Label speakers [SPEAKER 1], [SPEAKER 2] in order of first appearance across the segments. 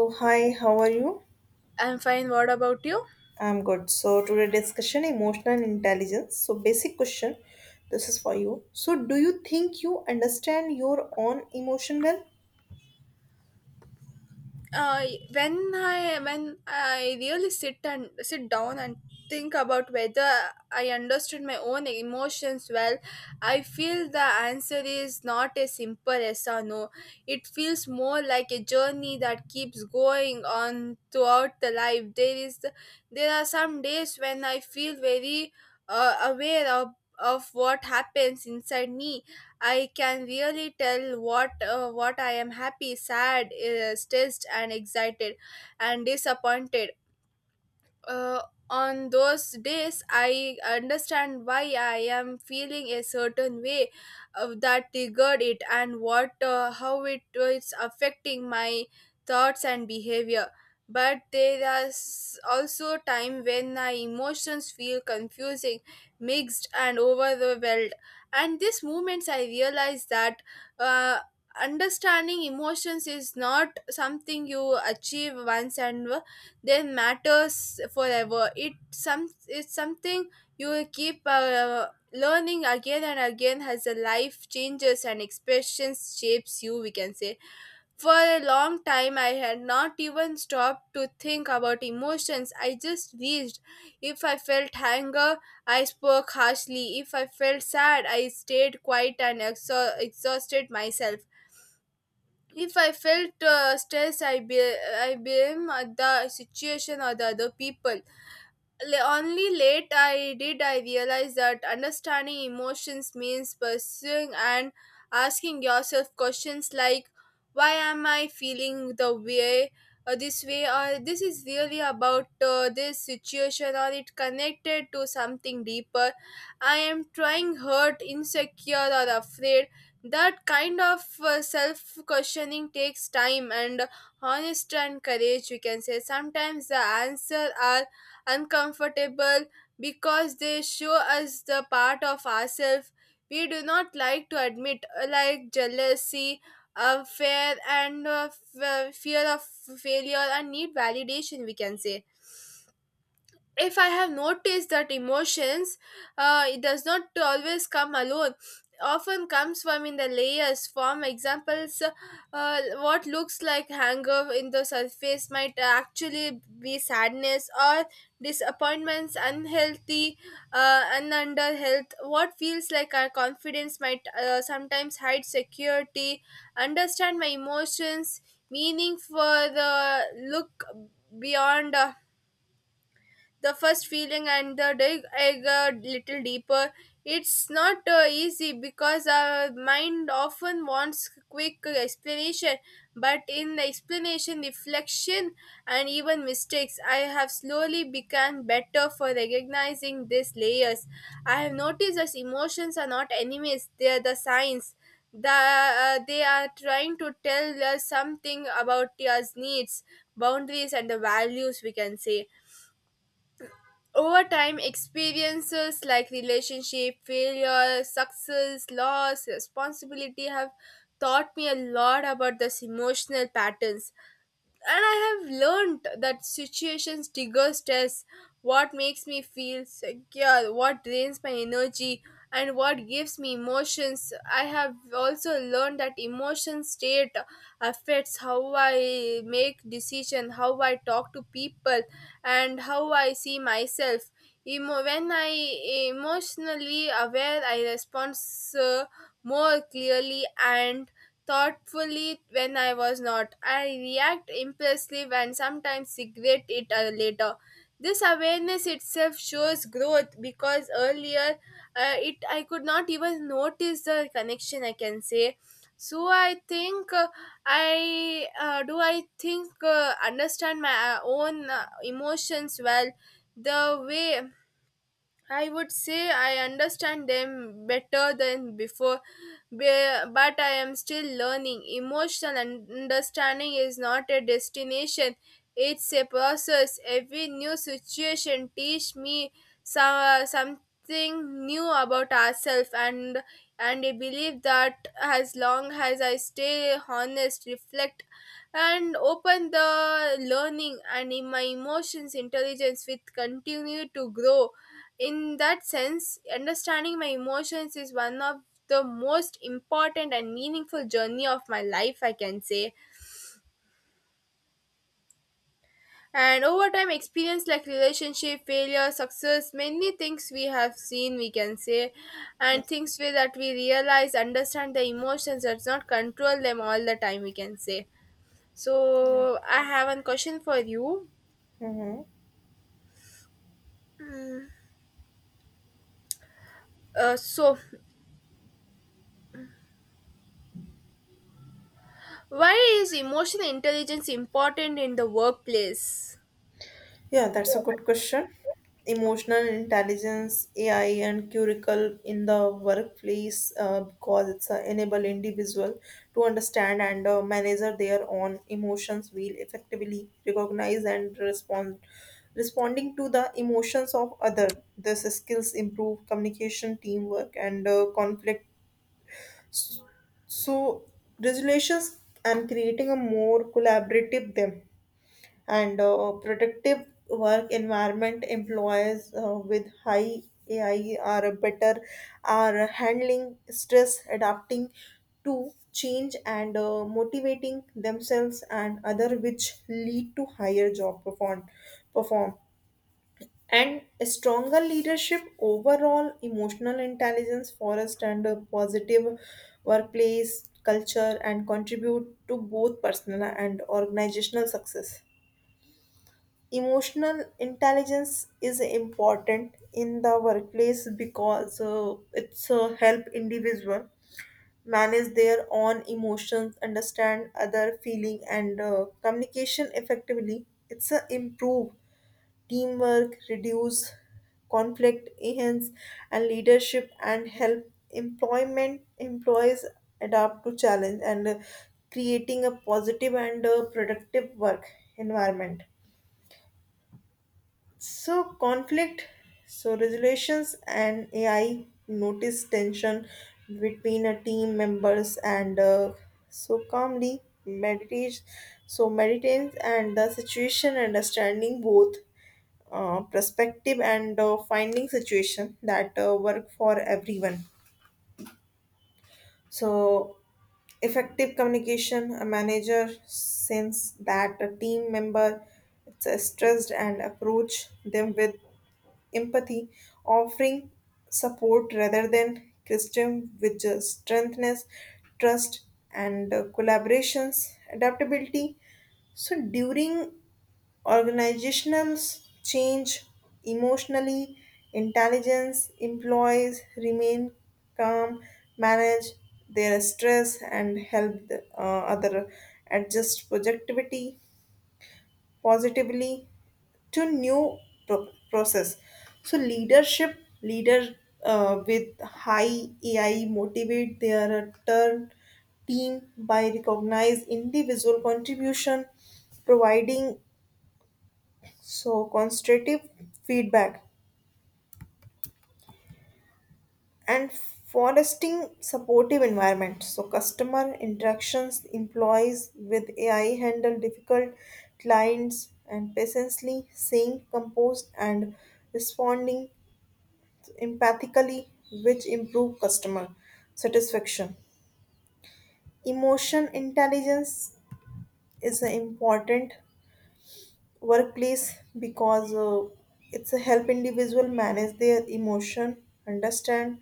[SPEAKER 1] So hi, how are you?
[SPEAKER 2] I'm fine. What about you?
[SPEAKER 1] I'm good. So today discussion emotional intelligence. So basic question, this is for you. So do you think you understand your own emotion well?
[SPEAKER 2] Uh, when I really sit down and think about whether I understood my own emotions well, I feel the answer is not a simple yes or no. It feels more like a journey that keeps going on throughout the life. There are some days when I feel very aware of what happens inside me. I can really tell what I am happy, sad, stressed, and excited, and disappointed. Uh, on those days I understand why I am feeling a certain way, that triggered it and what how it is affecting my thoughts and behavior. But there is also time when my emotions feel confusing, mixed and overwhelmed, and these moments I realize that uh, understanding emotions is not something you achieve once and that matters forever. It some it's something you will keep learning again and again as the life changes and expressions shapes you, we can say. For a long time I had not even stopped to think about emotions. I just reached. If I felt anger, I spoke harshly. If I felt sad, I stayed quiet and exhausted myself. If I felt stress, I blame the situation or the other people. Only late I realize that understanding emotions means pursuing and asking yourself questions like, why am I feeling the way, this way, or this is really about this situation, or it connected to something deeper. I am trying hurt, insecure or afraid. That kind of self questioning takes time and honest and courage, we can say. Sometimes the answer are uncomfortable because they show us the part of ourselves we do not like to admit, like jealousy, fear, and fear of failure and need validation, we can say. If I have noticed that emotions, it does not always come alone. Often comes from in the layers. Form examples, what looks like anger in the surface might actually be sadness or disappointments, unhealthy, and under health. What feels like our confidence might sometimes hide security. Understand my emotions, meaning for the look beyond. The first feeling and the dig egg a little deeper. It's not easy because our mind often wants quick explanation, but in the explanation, reflection, and even mistakes, I have slowly become better for recognizing these layers. I have noticed that emotions are not enemies; they are the signs. They are trying to tell us something about us needs, boundaries, and the values, we can say. Over time, experiences like relationship, failure, success, loss, responsibility have taught me a lot about this emotional patterns, and I have learned that situations trigger stress, what makes me feel secure, what drains my energy, and what gives me emotions. I have also learned that emotion state affects how I make decisions, how I talk to people, and how I see myself. When I emotionally aware, I respond uh, more clearly and thoughtfully. When I was not, I react impulsive and sometimes regret it later. This awareness itself shows growth because earlier it I could not even notice the connection, I can say. So I think understand my own emotions well the way, I would say I understand them better than before, but I am still learning. Emotional understanding is not a destination, it's a process. Every new situation teach me something new about ourselves, and I believe that as long as I stay honest, reflect and open the learning, and in my emotions intelligence will continue to grow. In that sense, understanding my emotions is one of the most important and meaningful journey of my life, I can say. And over time, experience like relationship, failure, success, many things we have seen, we can say, and
[SPEAKER 1] Yes.
[SPEAKER 2] things where that we realize, understand the emotions, does not control them all the time, we can say.
[SPEAKER 1] Yeah.
[SPEAKER 2] So, I have one question for you.
[SPEAKER 1] Mm-hmm.
[SPEAKER 2] Uh, so, why is emotional intelligence important in the workplace?
[SPEAKER 1] Yeah, that's a good question. Emotional intelligence, AI, and curricle in the workplace because it's enable individual to understand and manage their own emotions will effectively recognize and responding to the emotions of other. These skills improve communication, teamwork, and conflict so resolutions and creating a more collaborative them and productive work environment employers with high AI are better are handling stress, adapting to change and motivating themselves and other, which lead to higher job perform and a stronger leadership, overall emotional intelligence, forest and a positive workplace culture, and contribute to both personal and organizational success. Emotional intelligence is important in the workplace because it's help individual manage their own emotions, understand other feeling, and communication effectively. It's a improve teamwork, reduce conflict, enhance and leadership, and help employment employees adapt to challenge and creating a positive and productive work environment. So conflict, so resolutions and AI notice tension between a team members and so calmly meditate so meditates and the situation understanding both perspective and finding situation that work for everyone. So effective communication, a manager sense that a team member it's stressed and approach them with empathy, offering support rather than criticism, which strengthens trust and collaborations, adaptability. So during organizational change, emotionally intelligence, employees remain calm, manage their stress, and help the other adjust productivity positively to new process. So leadership, leader with high AI motivate their turn team by recognize individual contribution, providing so constructive feedback and fostering supportive environment. So, customer interactions, employees with AI handle difficult clients and patiently, staying composed and responding empathically, which improve customer satisfaction. Emotion intelligence is important workplace because it's a help individual manage their emotion, understand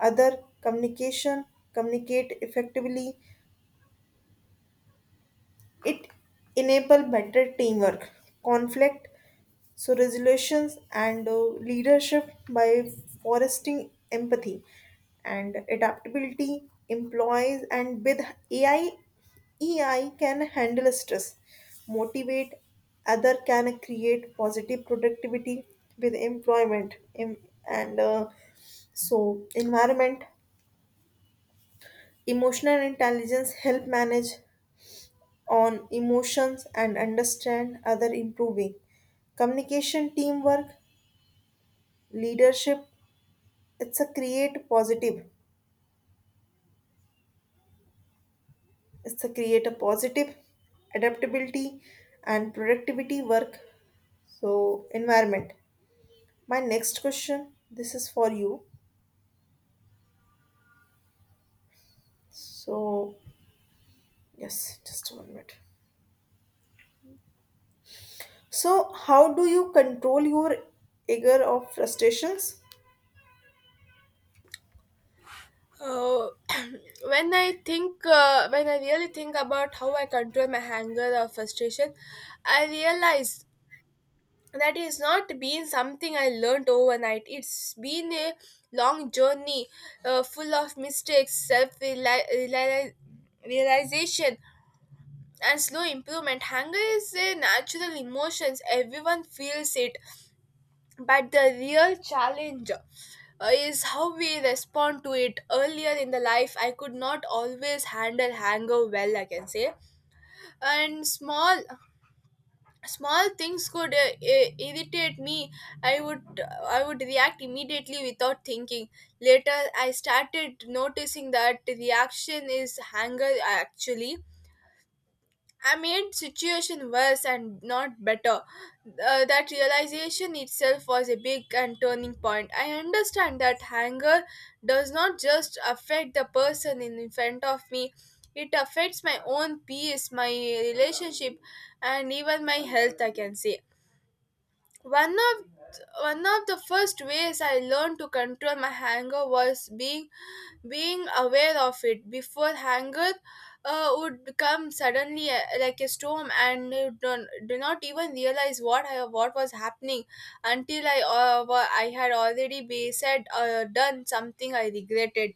[SPEAKER 1] other communication, communicate effectively. It enable better teamwork, conflict so resolutions and leadership by fostering empathy and adaptability, employees and with AI EI can handle stress, motivate other, can create positive productivity with and so environment. Emotional intelligence help manage on emotions and understand other, improving communication, teamwork, leadership. It's a create positive it's a create a positive adaptability and productivity work so environment. My next question, this is for you. So, yes, just 1 minute. So how do you control your anger of frustrations?
[SPEAKER 2] Uh, when I think, when I really think about how I control my anger or frustration, I realize that it's not been something I learned overnight. It's been a long journey, full of mistakes, self realization, and slow improvement. Anger is a natural emotion; everyone feels it, but the real challenge is how we respond to it. Earlier in the life, I could not always handle anger well, I can say, and small things could irritate me. I would I would react immediately without thinking. Later, I started noticing that reaction is anger. Actually, I made situation worse and not better. That realization itself was a big and turning point. I understand that anger does not just affect the person in front of me. It affects my own peace, my relationship, and even my health, I can say. One of one of the first ways I learned to control my anger was being aware of it before anger would come suddenly like a storm, and you don't, do not even realize what what was happening until I I had already be said or done something I regretted.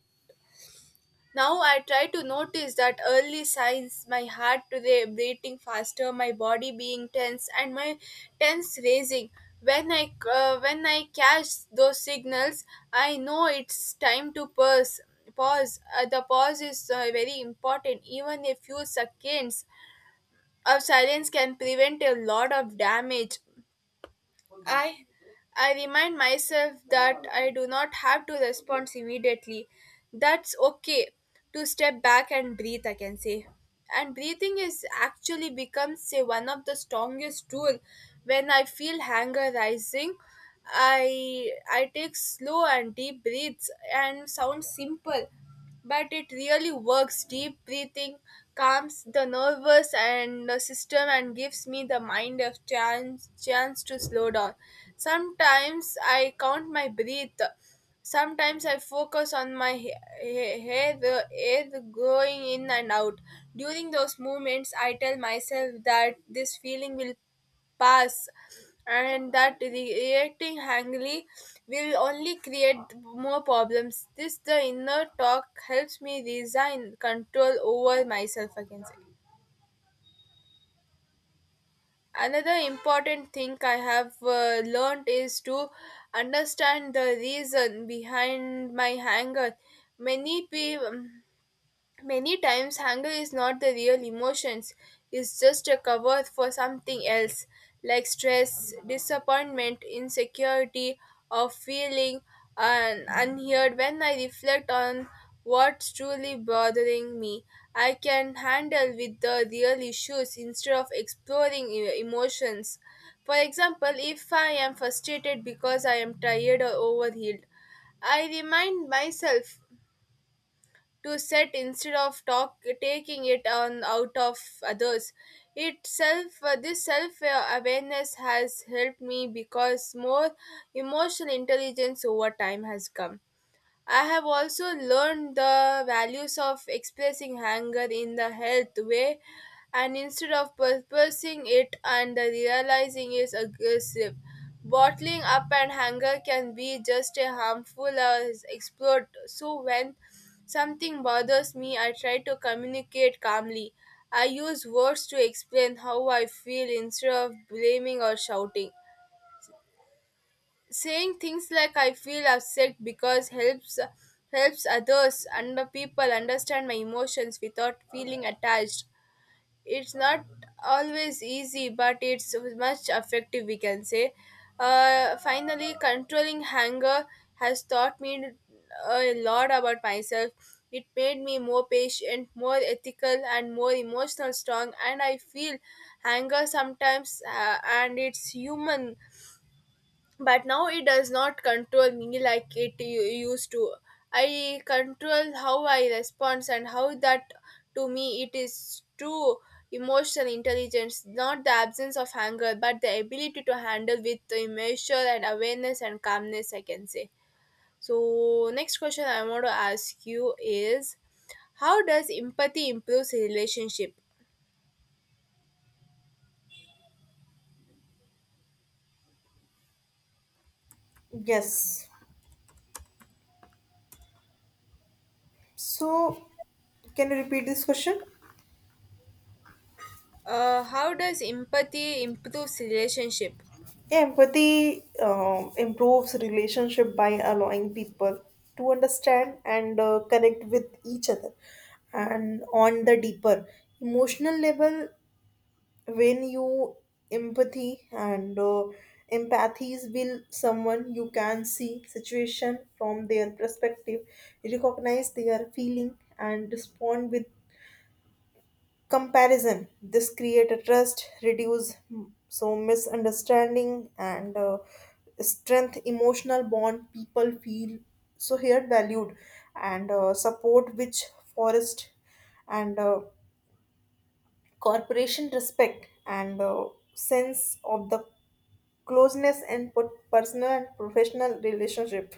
[SPEAKER 2] Now I try to notice that early signs, my heart today beating faster, my body being tense, and my tense raising. When I catch those signals, I know it's time to pause. Pause. The pause is very important. Even a few seconds of silence can prevent a lot of damage. I I remind myself that I do not have to respond immediately. That's okay to step back and breathe, I can say. And breathing is actually becomes say one of the strongest tool. When I feel anger rising, I take slow and deep breaths, and sounds simple but it really works. Deep breathing calms the nervous and the system and gives me the mind a chance to slow down. Sometimes I count my breath. Sometimes I focus on my head, the air going in and out. During those moments, I tell myself that this feeling will pass and that reacting angry will only create more problems. This, the inner talk, helps me resign control over myself again. Another important thing I have learned is to understand the reason behind my anger. many people Many times, anger is not the real emotions, it's just a cover for something else, like stress, disappointment, insecurity, or feeling unheard. When I reflect on what's truly bothering me, I can handle with the real issues instead of exploring emotions. For example, if I am frustrated because I am tired or overhealed, I remind myself to set instead of talk taking it on out of others itself. This self awareness has helped me, because more emotional intelligence over time has come. I have also learned the values of expressing anger in the health way, and instead of purposing it and realizing is aggressive. Bottling up and anger can be just as harmful as explode. So when something bothers me, I try to communicate calmly. I use words to explain how I feel instead of blaming or shouting. Saying things like I feel upset because helps others and the people understand my emotions without feeling attached. It's not always easy, but it's much effective, we can say. Finally controlling anger has taught me a lot about myself. It made me more patient, more ethical, and more emotional strong, and I feel anger sometimes, and it's human. But now it does not control me like it used to. I control how I respond and how that. To me it is true, emotional intelligence not the absence of anger but the ability to handle with the measure and awareness and calmness, I can say. So next question I want to ask you is, how does empathy improves relationship?
[SPEAKER 1] Yes. So can you repeat this question?
[SPEAKER 2] How does empathy improves relationship?
[SPEAKER 1] Empathy improves relationship by allowing people to understand and connect with each other, and on the deeper emotional level, when you empathy and empathies will someone, you can see situation from their perspective, recognize their feeling and respond with comparison. This create a trust, reduce so misunderstanding and strength emotional bond. People feel so here valued and support, which forest and corporation respect and sense of the closeness and personal and professional relationship.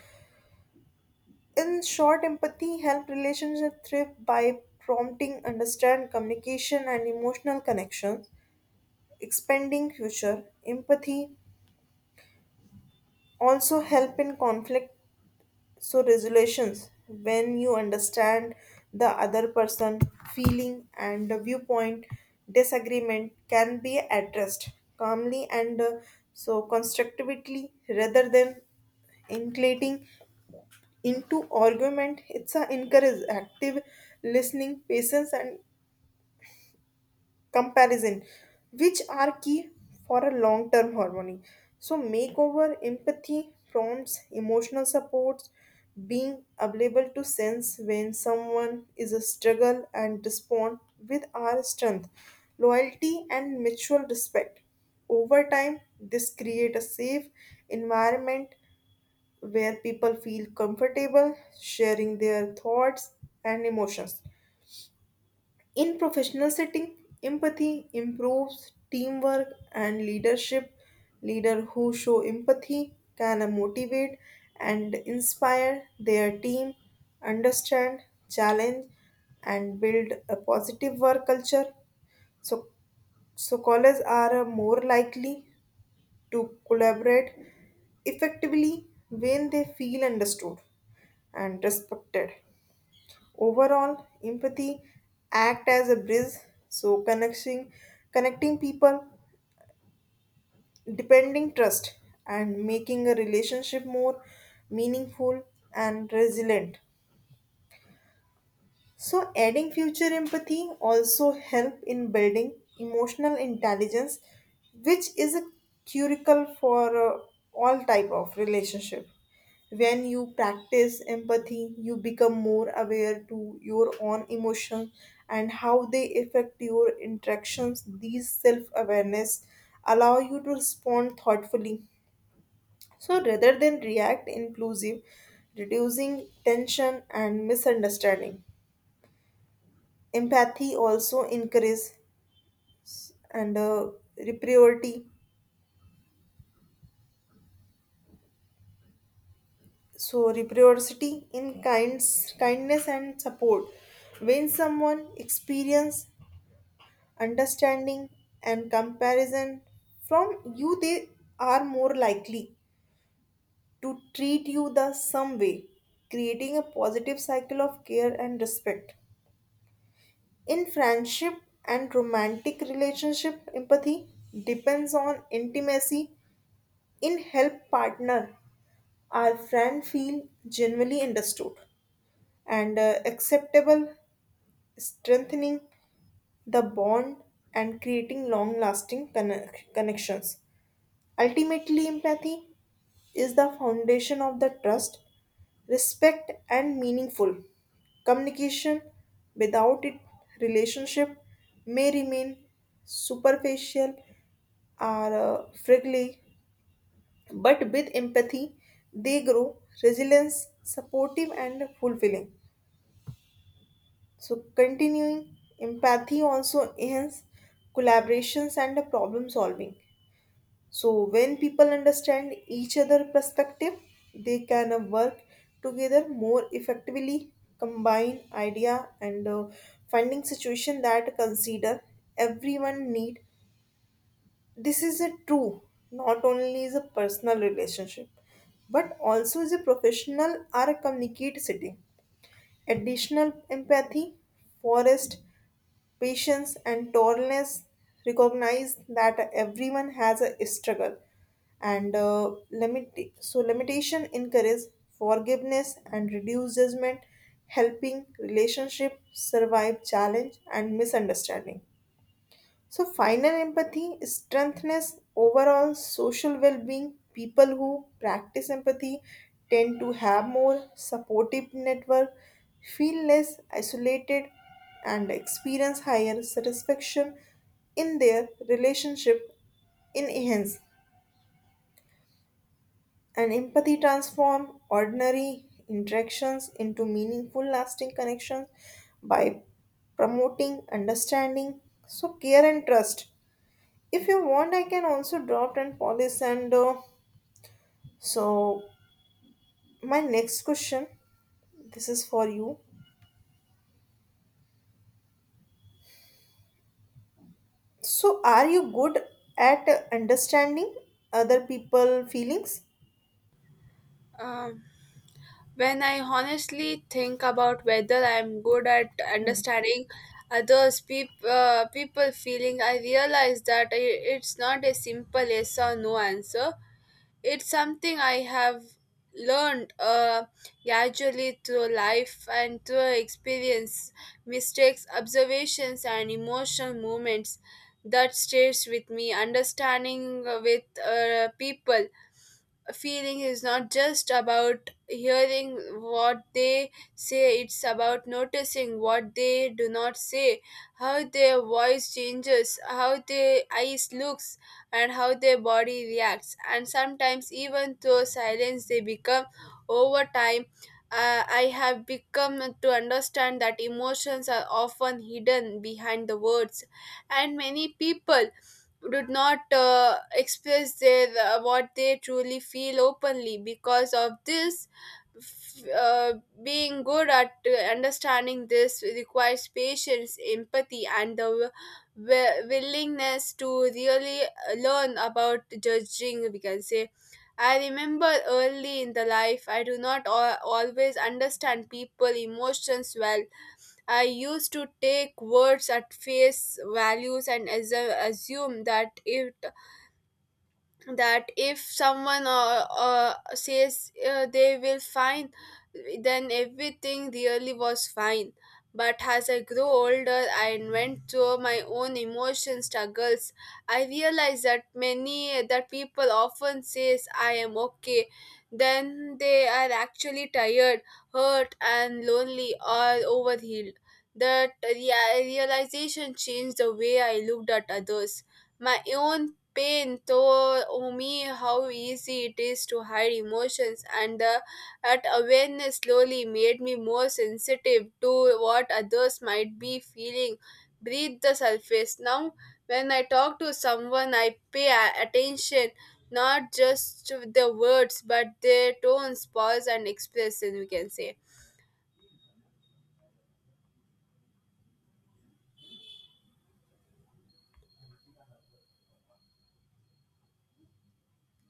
[SPEAKER 1] In short, empathy help relationship thrive by prompting understand, communication and emotional connection. Expanding future, empathy also help in conflict so resolutions. When you understand the other person feeling and the viewpoint, disagreement can be addressed calmly and so constructively rather than including into argument. It's a encourage active listening, patience and comparison, which are key for a long term harmony. So, makeover, empathy prompts emotional supports, being able to sense when someone is a struggle and respond with our strength, loyalty, and mutual respect. Over time, this create a safe environment where people feel comfortable sharing their thoughts and emotions. In professional setting, empathy improves teamwork and leadership. Leader who show empathy can motivate and inspire their team, understand, challenge, and build a positive work culture. So, so colleagues are more likely to collaborate effectively when they feel understood and respected. Overall, empathy act as a bridge, so connecting people, depending trust, and making a relationship more meaningful and resilient. So adding future, empathy also help in building emotional intelligence, which is a curricle for all type of relationship. When you practice empathy, you become more aware to your own emotions and how they affect your interactions. These self-awareness allow you to respond thoughtfully, so rather than react impulsive, reducing tension and misunderstanding. Empathy also increase and reciprocity, so reciprocity in kinds kindness and support. When someone experience understanding and comparison from you, they are more likely to treat you the same way, creating a positive cycle of care and respect. In friendship and romantic relationship, empathy depends on intimacy in help partner. Our friend feel genuinely understood and acceptable, strengthening the bond and creating long-lasting connections. Ultimately, empathy is the foundation of the trust, respect, and meaningful communication. Without it, relationship may remain superficial or fragile, but with empathy, they grow resilience, supportive, and fulfilling. So, continuing, empathy also enhances collaborations and problem solving. So, when people understand each other's perspective, they can work together more effectively, combine idea and finding situation that consider everyone need. This is a true not only is a personal relationship but also is a professional or a communicate setting. Additional empathy forest patience and tolerance, recognize that everyone has a struggle and limit so limitation, encourage forgiveness and reduce judgment, helping relationship survive challenge and misunderstanding. So, final, empathy strengthens overall social well being. People who practice empathy tend to have more supportive network, feel less isolated, and experience higher satisfaction in their relationship. In hence, and empathy transform ordinary interactions into meaningful lasting connections by promoting understanding, so care and trust. If you want, I can also drop and polish. And so, my next question, this is for you. So, are you good at understanding other people' feelings?
[SPEAKER 2] Um, When I honestly think about whether I'm good at understanding others, people feeling, I realize that it's not a simple yes or no answer. It's something I have learned gradually through life and through experience, mistakes, observations, and emotional moments that stays with me. Understanding with people feeling is not just about hearing what they say. It's about noticing what they do not say, how their voice changes, how their eyes looks, and how their body reacts, and sometimes even through silence they become. Over time I have become to understand that emotions are often hidden behind the words, and many people did not express their what they truly feel openly because of this. f- uh, Being good at understanding this requires patience, empathy and the willingness to really learn about judging, we can say. I remember early in the life I do not always understand people emotions well. I used to take words at face values and assume that it, that if someone says they will fine, then everything really was fine. But as I grew older and went through my own emotion struggles, I realized that many that people often says I am okay, then they are actually tired, hurt and lonely or overhealed. That realization changed the way I looked at others. My own pain taught me how easy it is to hide emotions, and that awareness slowly made me more sensitive to what others might be feeling. Breathe the surface. Now, when I talk to someone, I pay attention not just to the words but their tones, pause, and expression, we can say.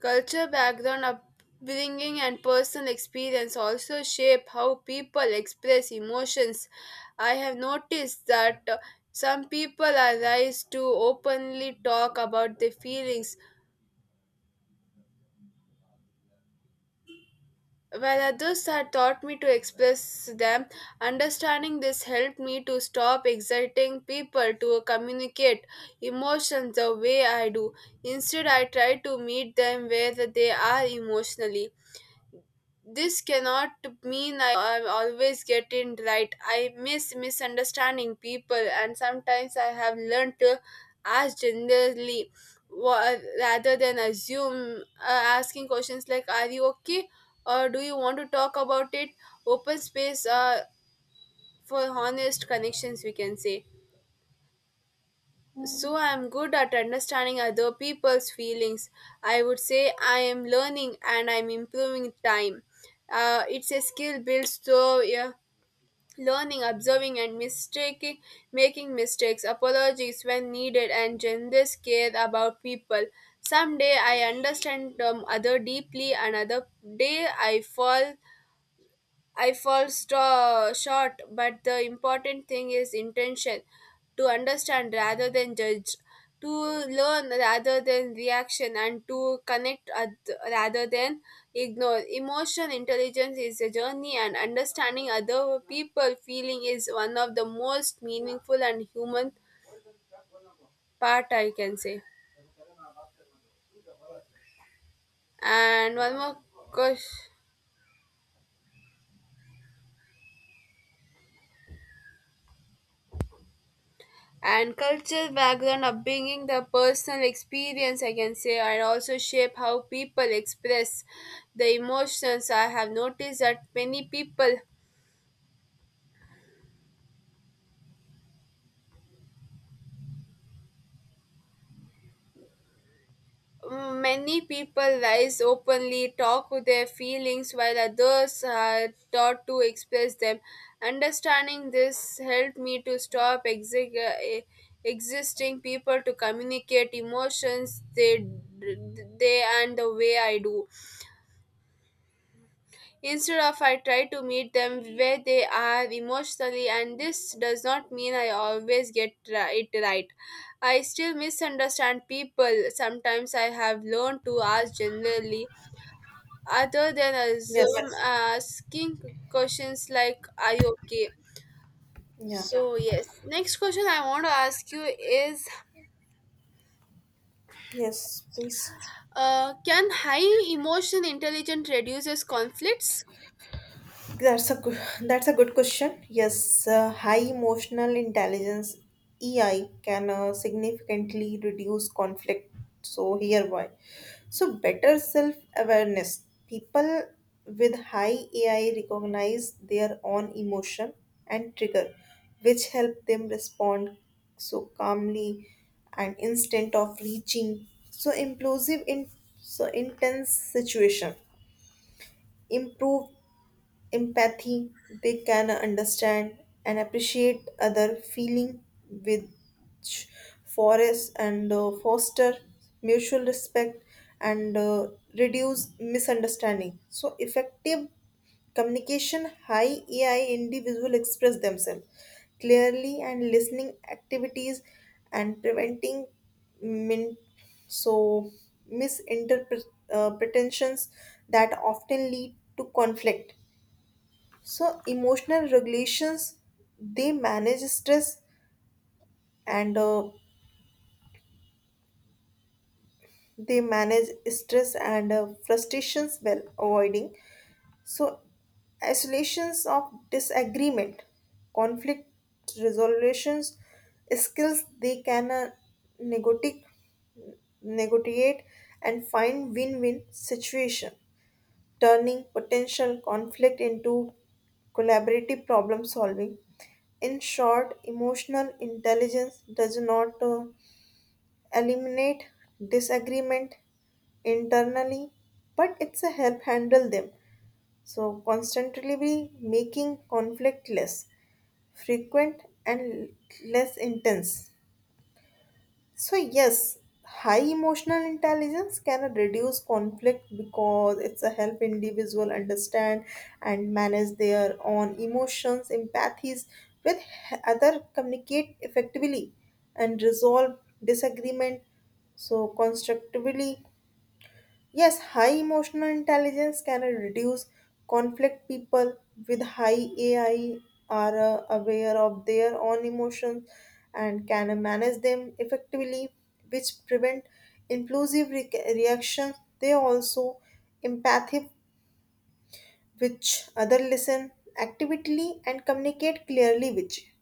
[SPEAKER 2] Culture, background, upbringing, and personal experience also shape how people express emotions. I have noticed that some people are raised to openly talk about their feelings, while others are taught me to express them. Understanding this helped me to stop exciting people to communicate emotions the way I do. Instead, I try to meet them where they are emotionally. This cannot mean I always get it right. I miss misunderstanding people, and sometimes I have learned to ask generally rather than assume. Asking questions like, are you okay? Or, do you want to talk about it? Open space for honest connections, we can say. So I'm good at understanding other people's feelings. I would say I am learning and I'm improving time. It's a skill built through yeah, learning, observing, and mistaking, making mistakes, apologies when needed, and generous care about people. Someday I understand other deeply, another day I fall short, but the important thing is intention to understand rather than judge, to learn rather than reaction, and to connect rather than ignore. Emotional intelligence is a journey, and understanding other people feeling is one of the most meaningful and human part, I can say. And one more question. And cultural background, upbringing, the personal experience, I can say, and also shape how people express the emotions. I have noticed that many people rise openly talk with their feelings while others are taught to express them. Understanding this helped me to stop existing people to communicate emotions they and the way I do. Instead of I try to meet them where they are emotionally, and this does not mean I always get it right. I still misunderstand people. Sometimes I have learned to ask generally other than
[SPEAKER 1] Yes.
[SPEAKER 2] assume, asking questions like, are you okay?
[SPEAKER 1] Yeah.
[SPEAKER 2] So yes. Next question I want to ask you is,
[SPEAKER 1] Yes, please.
[SPEAKER 2] can high emotion intelligence reduces conflicts?
[SPEAKER 1] That's a good question. Yes, high emotional intelligence (EI) can significantly reduce conflict. So here why. So better self awareness. People with high AI recognize their own emotion and trigger, which help them respond so calmly and instant of reaching so implosive in so intense situation. Improve empathy, they can understand and appreciate other feeling, which forest and foster mutual respect and reduce misunderstanding. So effective communication, high AI individual express themselves clearly and listening activities and preventing min- so misinterpretations that often lead to conflict. So emotional regulations, they manage stress and uh, they manage stress and frustrations while avoiding so isolations of disagreement, conflict resolutions skills. They can negotiate negotiate and find win-win situation, turning potential conflict into collaborative problem solving. In short, emotional intelligence does not eliminate disagreement internally, but it's a help handle them. So constantly be making conflict less frequent and less intense. So, yes, high emotional intelligence can reduce conflict because it's a help individual understand and manage their own emotions, empathies with other, communicate effectively and resolve disagreement so constructively. Yes, high emotional intelligence can reduce conflict. People with high AI are aware of their own emotions and can manage them effectively, which prevent impulsive reactions. They also empathic, which other listen actively and communicate clearly, which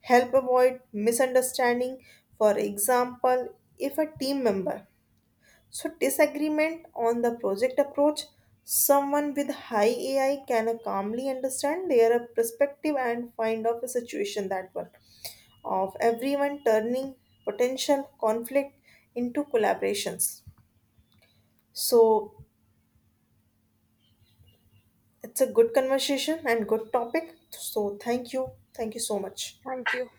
[SPEAKER 1] help avoid misunderstanding. For example, if a team member so, disagreement on the project approach, someone with high AI can calmly understand their perspective and find out a situation that one of everyone, turning potential conflict into collaborations. So, it's a good conversation and good topic. So, thank you. Thank you so much.
[SPEAKER 2] Thank you.